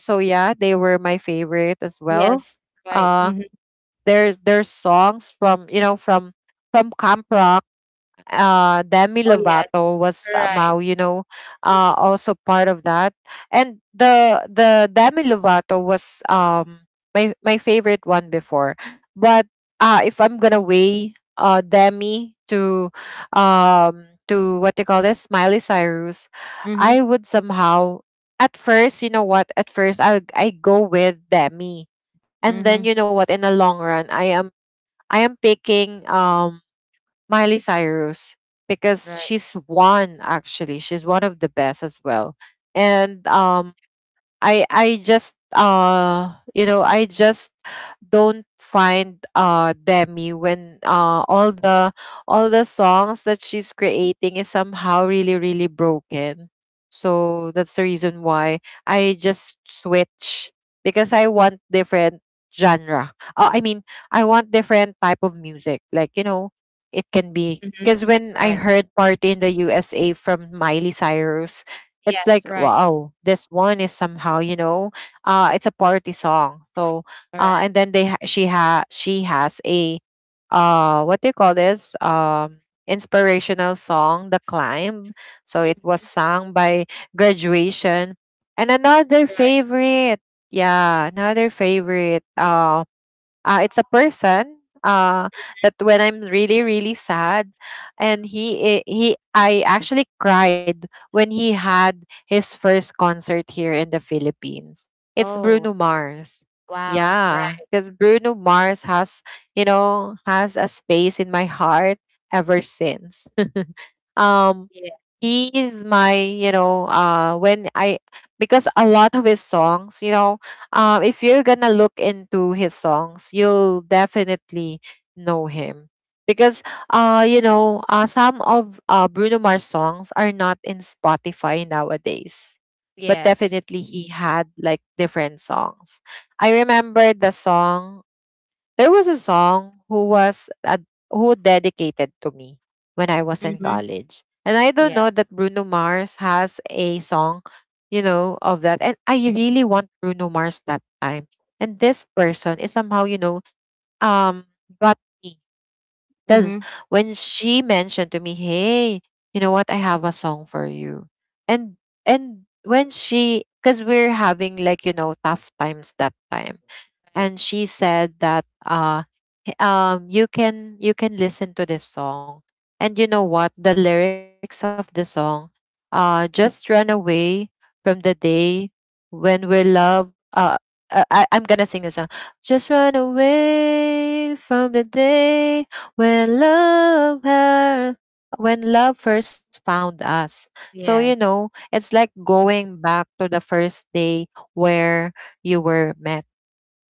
S1: So yeah, they were my favorite as well.
S2: Yes. Right.
S1: uh
S2: Mhm.
S1: there's there's songs from you know from from Camp Rock. uh Demi
S2: Oh, yes.
S1: Lovato was
S2: Right.
S1: somehow you know
S2: Mhm.
S1: uh also part of that. And the the Demi Lovato was um my my favorite one before. But uh if I'm gonna weigh uh Demi to um to what you call this, Miley Cyrus,
S2: Mhm.
S1: I would somehow, at first you know what, at first i i go with Demi, and then
S2: Mhm.
S1: you know what, in the long run i am I am picking um Miley Cyrus, because
S2: Right.
S1: she's one actually. She's one of the best as well. And um I I just uh you know I just don't find uh Demi when uh all the all the songs that she's creating is somehow really really broken. So that's the reason why I just switch, because I want different genre. Uh, I mean, I want different type of music. Like, you know, it can be
S2: Mhm.
S1: because when
S2: Right.
S1: I heard Party in the U S A from Miley Cyrus, it's
S2: Yes.
S1: like
S2: Right.
S1: wow, this one is somehow you know uh it's a party song. So uh
S2: Right.
S1: and then they ha- she ha she has a uh what do you call this, um inspirational song, The Climb. So it was
S2: Mhm.
S1: sung by graduation. And another
S2: Right.
S1: favorite, yeah another favorite, uh, uh, it's a person, uh, that when I'm really really sad, and he i- he I actually cried when he had his first concert here in the Philippines. It's
S2: Oh,
S1: Bruno Mars.
S2: wow.
S1: Yeah,
S2: Right.
S1: because Bruno Mars has, you know, has a space in my heart ever since. um
S2: Yeah.
S1: he is my you know uh when I because a lot of his songs, you know, uh if you're gonna look into his songs, you'll definitely know him, because uh you know uh, some of uh, Bruno Mars songs are not in Spotify nowadays. But
S2: Yes.
S1: definitely he had like different songs. I remember the song, there was a song who was ad- who dedicated to me when I was in
S2: Mhm.
S1: college. And I don't
S2: Yeah.
S1: know that Bruno Mars has a song, you know, of that. And I really want Bruno Mars that time. And this person is somehow, you know, um got me. Because
S2: Mhm.
S1: when she mentioned to me, hey, you know what, I have a song for you. And and when she, because we're having like, you know, tough times that time,
S2: Right.
S1: and she said that uh h- um you can you can listen to this song. And you know what, the lyrics of the song, uh just run away from the day when we're love uh, uh I, I'm gonna sing this song. Just run away from the day when love her, when love first found us. So you
S2: Yes.
S1: know, it's like going back to the first day where you were met.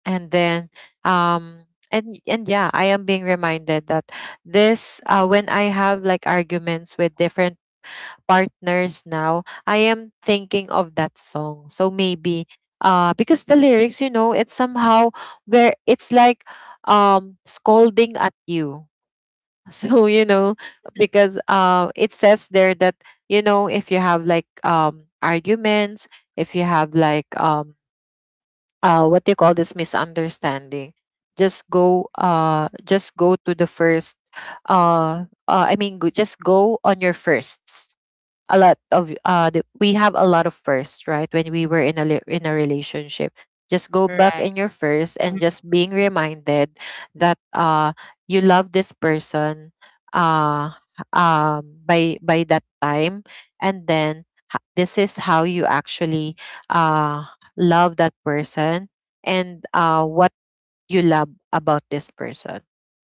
S1: And then um and and yeah, I am being reminded that this uh when I have like arguments with different partners now, I am thinking of that song. So maybe uh because the lyrics, you know, it's somehow where it's like um scolding at you *laughs* so you know,
S2: *laughs*
S1: because uh it says there that, you know, if you have like um arguments, if you have like um uh, what do you call this, misunderstanding, just go uh just go to the first uh, uh I mean go, just go on your firsts. A lot of uh the, we have a lot of first, right, when we were in a li- in a relationship. Just go back
S2: Right.
S1: in your first and
S2: Mhm.
S1: just being reminded that uh you love this person. uh um by by that time. And then h- this is how you actually uh love that person. And uh what you love about this person.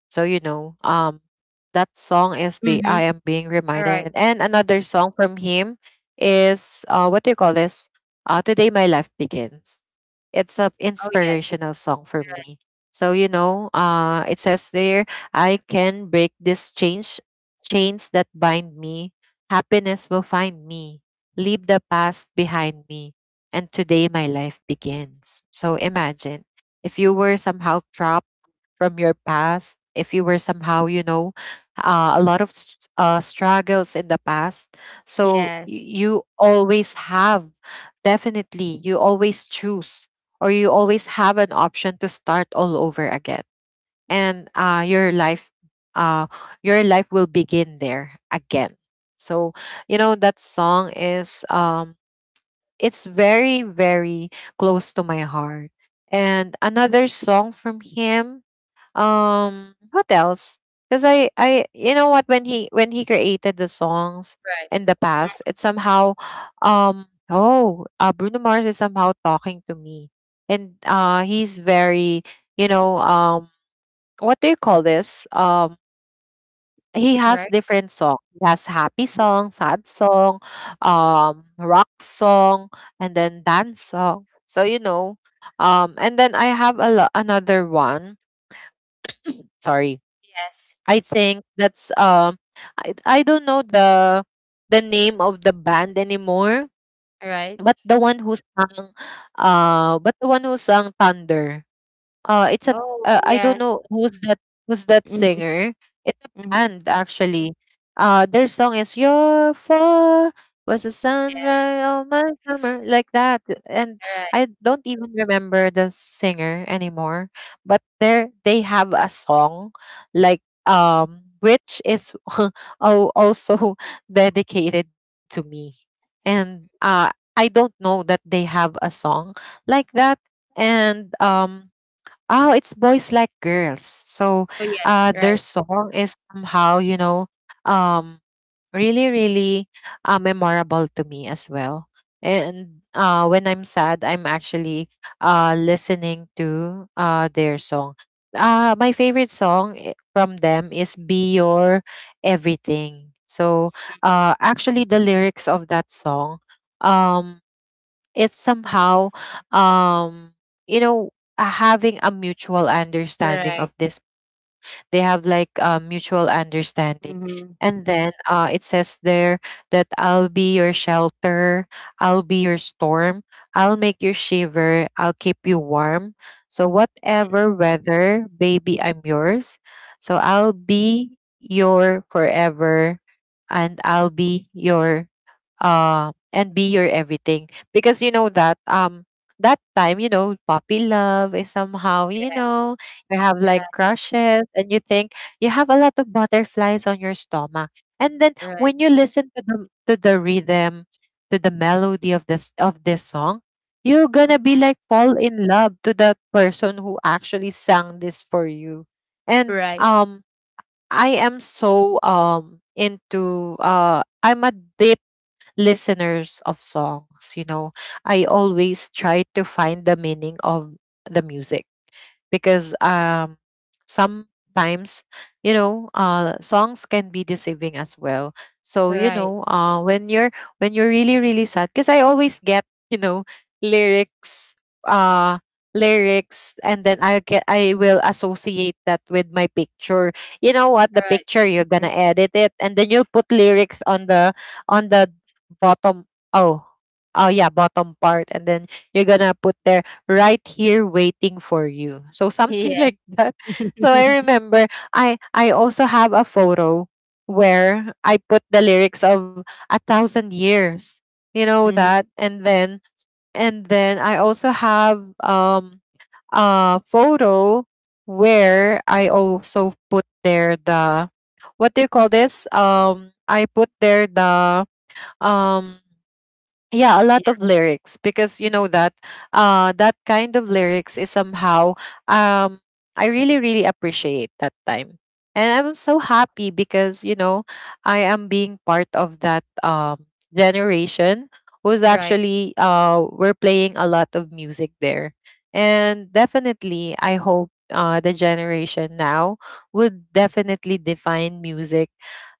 S1: So you know, um, that song is, be, I
S2: Mhm.
S1: am being reminded.
S2: Alright.
S1: And another song from him is uh, what do you call this? Uh, Today My Life Begins. It's a
S2: Oh, yes.
S1: inspirational song for me. So you know, uh, it says there, I can break this change, chains that bind me. Happiness will find me. Leave the past behind me, and today my life begins. So imagine if you were somehow trapped from your past, if you were somehow, you know, uh, a lot of s- uh, struggles in the past, so
S2: Yes.
S1: y- you always have, definitely, you always choose or you always have an option to start all over again. And uh, your life, uh, your life will begin there again. So, you know, that song is um, it's very very close to my heart. And another song from him, um what else, because i i you know what, when he when he created the songs
S2: Right.
S1: in the past, it's somehow um oh uh, Bruno Mars is somehow talking to me. And uh he's very, you know, um what do you call this, um he has
S2: Right.
S1: different song. He has happy song, sad song, um, rock song, and then dance song. So you know, um, and then I have a lo- another one. Sorry,
S2: Yes.
S1: I think that's um, I I don't know the the name of the band anymore.
S2: Right.
S1: But the one who sang, uh, but the one who sang Thunder. Uh, it's a
S2: Oh,
S1: uh, I don't
S2: yes.
S1: know who's that, who's that
S2: Mhm.
S1: singer. It's a
S2: Mhm.
S1: band actually. Uh, their song is "Your Fall Was a
S2: Yeah.
S1: Sunrise on My Summer," like that. And
S2: Right.
S1: I don't even remember the singer anymore. But they they have a song like um which is *laughs* al- also *laughs* dedicated to me. And uh I don't know that they have a song like that. And um oh, it's Boys Like Girls. So
S2: Oh, yes.
S1: uh their
S2: Right.
S1: song is somehow, you know, um really, really uh, memorable to me as well. And uh when I'm sad, I'm actually uh listening to uh their song. Uh my favorite song i- from them is Be Your Everything. So uh actually the lyrics of that song um it's somehow um you know, uh, having a mutual understanding of
S2: Right.
S1: this, they have like a mutual understanding.
S2: Mhm.
S1: And then uh, it says there that I'll be your shelter, I'll be your storm, I'll make you shiver, I'll keep you warm. So,
S2: Mm.
S1: whatever weather, baby, I'm yours. So, I'll be your forever and I'll be your uh and be your everything. Because you know that um that time, you know, puppy love is somehow, you know, you have
S2: Right.
S1: like crushes and you think you have a lot of butterflies on your stomach. And then
S2: Right.
S1: when you listen to the to the rhythm, to the melody of this of this song, you're gonna be
S2: Mhm.
S1: like fall in love to that person who actually sang this for you. And
S2: Right.
S1: um I am so um into uh I'm a deep listeners of songs, you know, I always try to find the meaning of the music, because um sometimes, you know, uh songs can be deceiving as well. So you
S2: Right.
S1: know, uh when you're, when you're really really sad. Because I always get, you know, lyrics, uh lyrics, and then I get, I will associate that with my picture. You know what, the
S2: Right.
S1: picture, you're gonna
S2: Mhm.
S1: edit it, and then you'll put lyrics on the on the bottom, oh, oh yeah, bottom part. And then you're gonna put there, right here waiting for you. So something *laughs*
S2: Yeah.
S1: like that. So I
S2: *laughs*
S1: remember, I I also have a photo where I put the lyrics of A Thousand Years. You know
S2: Mhm.
S1: that? And then and then I also have um a photo where I also put there the, what do you call this? Um I put there the um yeah, a lot
S2: Yeah.
S1: of lyrics. Because you know
S2: Mhm.
S1: that uh that kind of lyrics is somehow um I really really appreciate that time. And I'm so happy because, you know, I am being part of that um generation who's
S2: Right.
S1: actually uh we're playing a lot of music there. And definitely I hope uh the generation now would definitely define music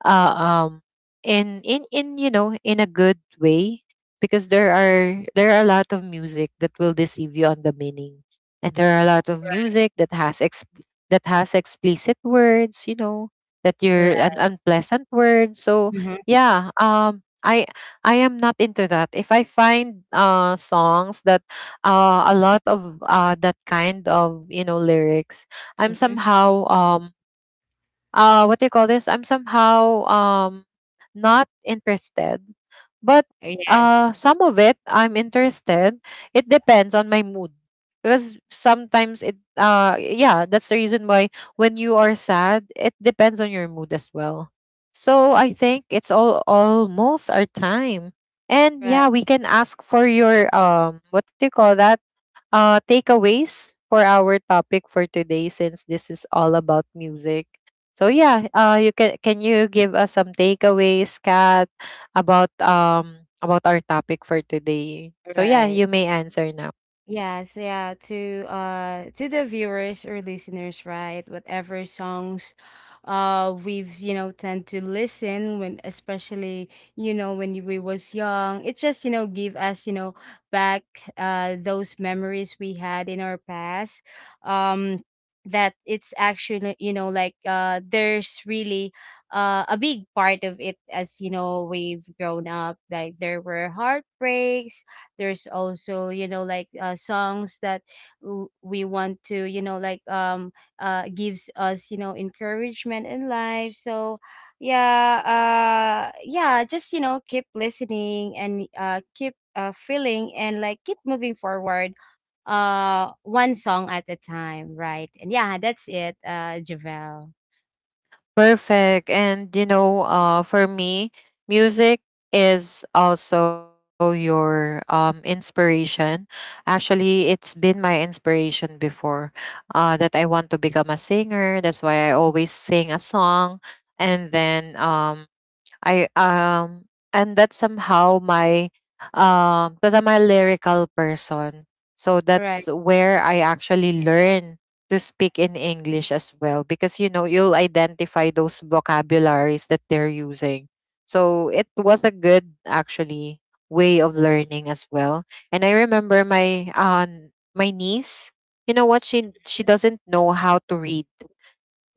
S1: uh um in in in you know, in a good way. Because there are there are a lot of music that will deceive you on the meaning. And there are a lot of music that has ex- that has explicit words, you know, that you're
S2: Right.
S1: an
S2: Right.
S1: unpleasant word. So
S2: Mhm.
S1: yeah, um i i am not into that. If I find uh songs that uh a lot of uh that kind of, you know, lyrics, I'm
S2: Mhm.
S1: somehow um uh what do you call this, I'm somehow um not interested. But
S2: Yes.
S1: uh some of it I'm interested. It depends on my mood. Because sometimes it uh yeah, that's the reason why when you are sad, it depends on your mood as well. So I think it's all almost our time. And
S2: Right.
S1: yeah, we can ask for your um what do you call that, uh takeaways for our topic for today, since this is all about music. So yeah, uh, you can can you give us some takeaways, Kat, about um about our topic for today? So yeah,
S2: Right.
S1: you may answer now.
S2: Yes, yeah, to, uh to the viewers or listeners, right? Whatever songs uh we've, you know, tend to listen when, especially, you know, when we was young. It just, you know, give us, you know, back, uh those memories we had in our past. Um that it's actually, you know, like uh there's really uh a big part of it as, you know, we've grown up. Like there were heartbreaks, there's also, you know like, uh, songs that w- we want to, you know like, um uh gives us, you know encouragement in life. So yeah, uh yeah, just, you know keep listening, and uh keep, uh, feeling, and like keep moving forward, uh one song at a time, right? And yeah, that's it, uh javel,
S1: Perfect. And you know, uh, for me, music is also your um inspiration. Actually, it's been my inspiration before. Uh, that I want to become a singer. That's why I always sing a song. And then um I um and that's somehow my um because I'm a lyrical person. So
S2: right.
S1: that's where I actually learn to speak in English as well, because you know you'll identify those vocabularies that they're using. So it was a good actually way of learning as well. And I remember my um my niece, you know what, she she doesn't know how to read.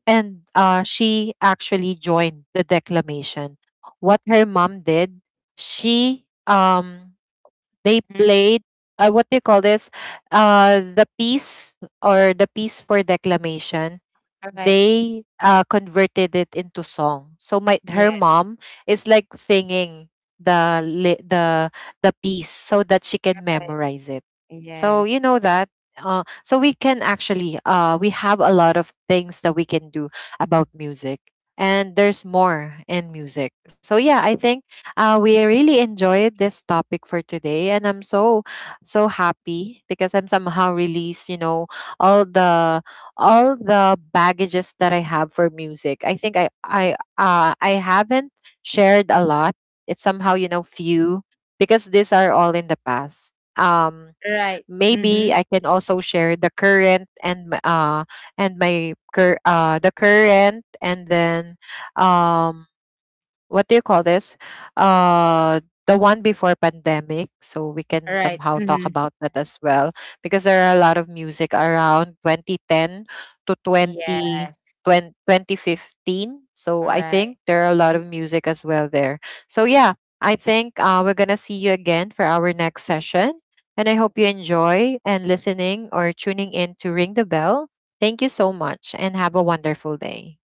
S1: And uh, she actually joined the declamation. What her mom did, she um they
S2: Mhm.
S1: played uh, what do you call this? Uh, the piece or the piece for declamation,
S2: All right.
S1: they uh, converted it into song. So my,
S2: Yeah.
S1: her mom is like singing the li- the the piece so that she can
S2: Right.
S1: memorize it. So you
S2: Yes.
S1: know that. Uh, so we can actually uh, we have a lot of things that we can do about music, and there's more in music. So yeah, I think uh, we really enjoyed this topic for today, and I'm so so happy because I'm somehow released, you know, all the all the baggages that I have for music. I think I I uh I haven't shared a lot. It's somehow, you know, few, because these are all in the past. Um
S2: Right. Mm-hmm.
S1: maybe I can also share the current and my- uh and my cur- uh the current. And then um what do you call this? Uh, the one before pandemic. So we
S2: Right.
S1: can
S2: Right.
S1: somehow
S2: Mm-hmm.
S1: talk about that as well, because there are a lot of music around twenty ten to twenty,
S2: Yes.
S1: twenty twenty fifteen. So I
S2: Alright.
S1: think there are a lot of music as well there. So yeah, I think uh, we're going to see you again for our next session. And I hope you enjoy and listening or tuning in to Ring the Bell. Thank you so much and have a wonderful day.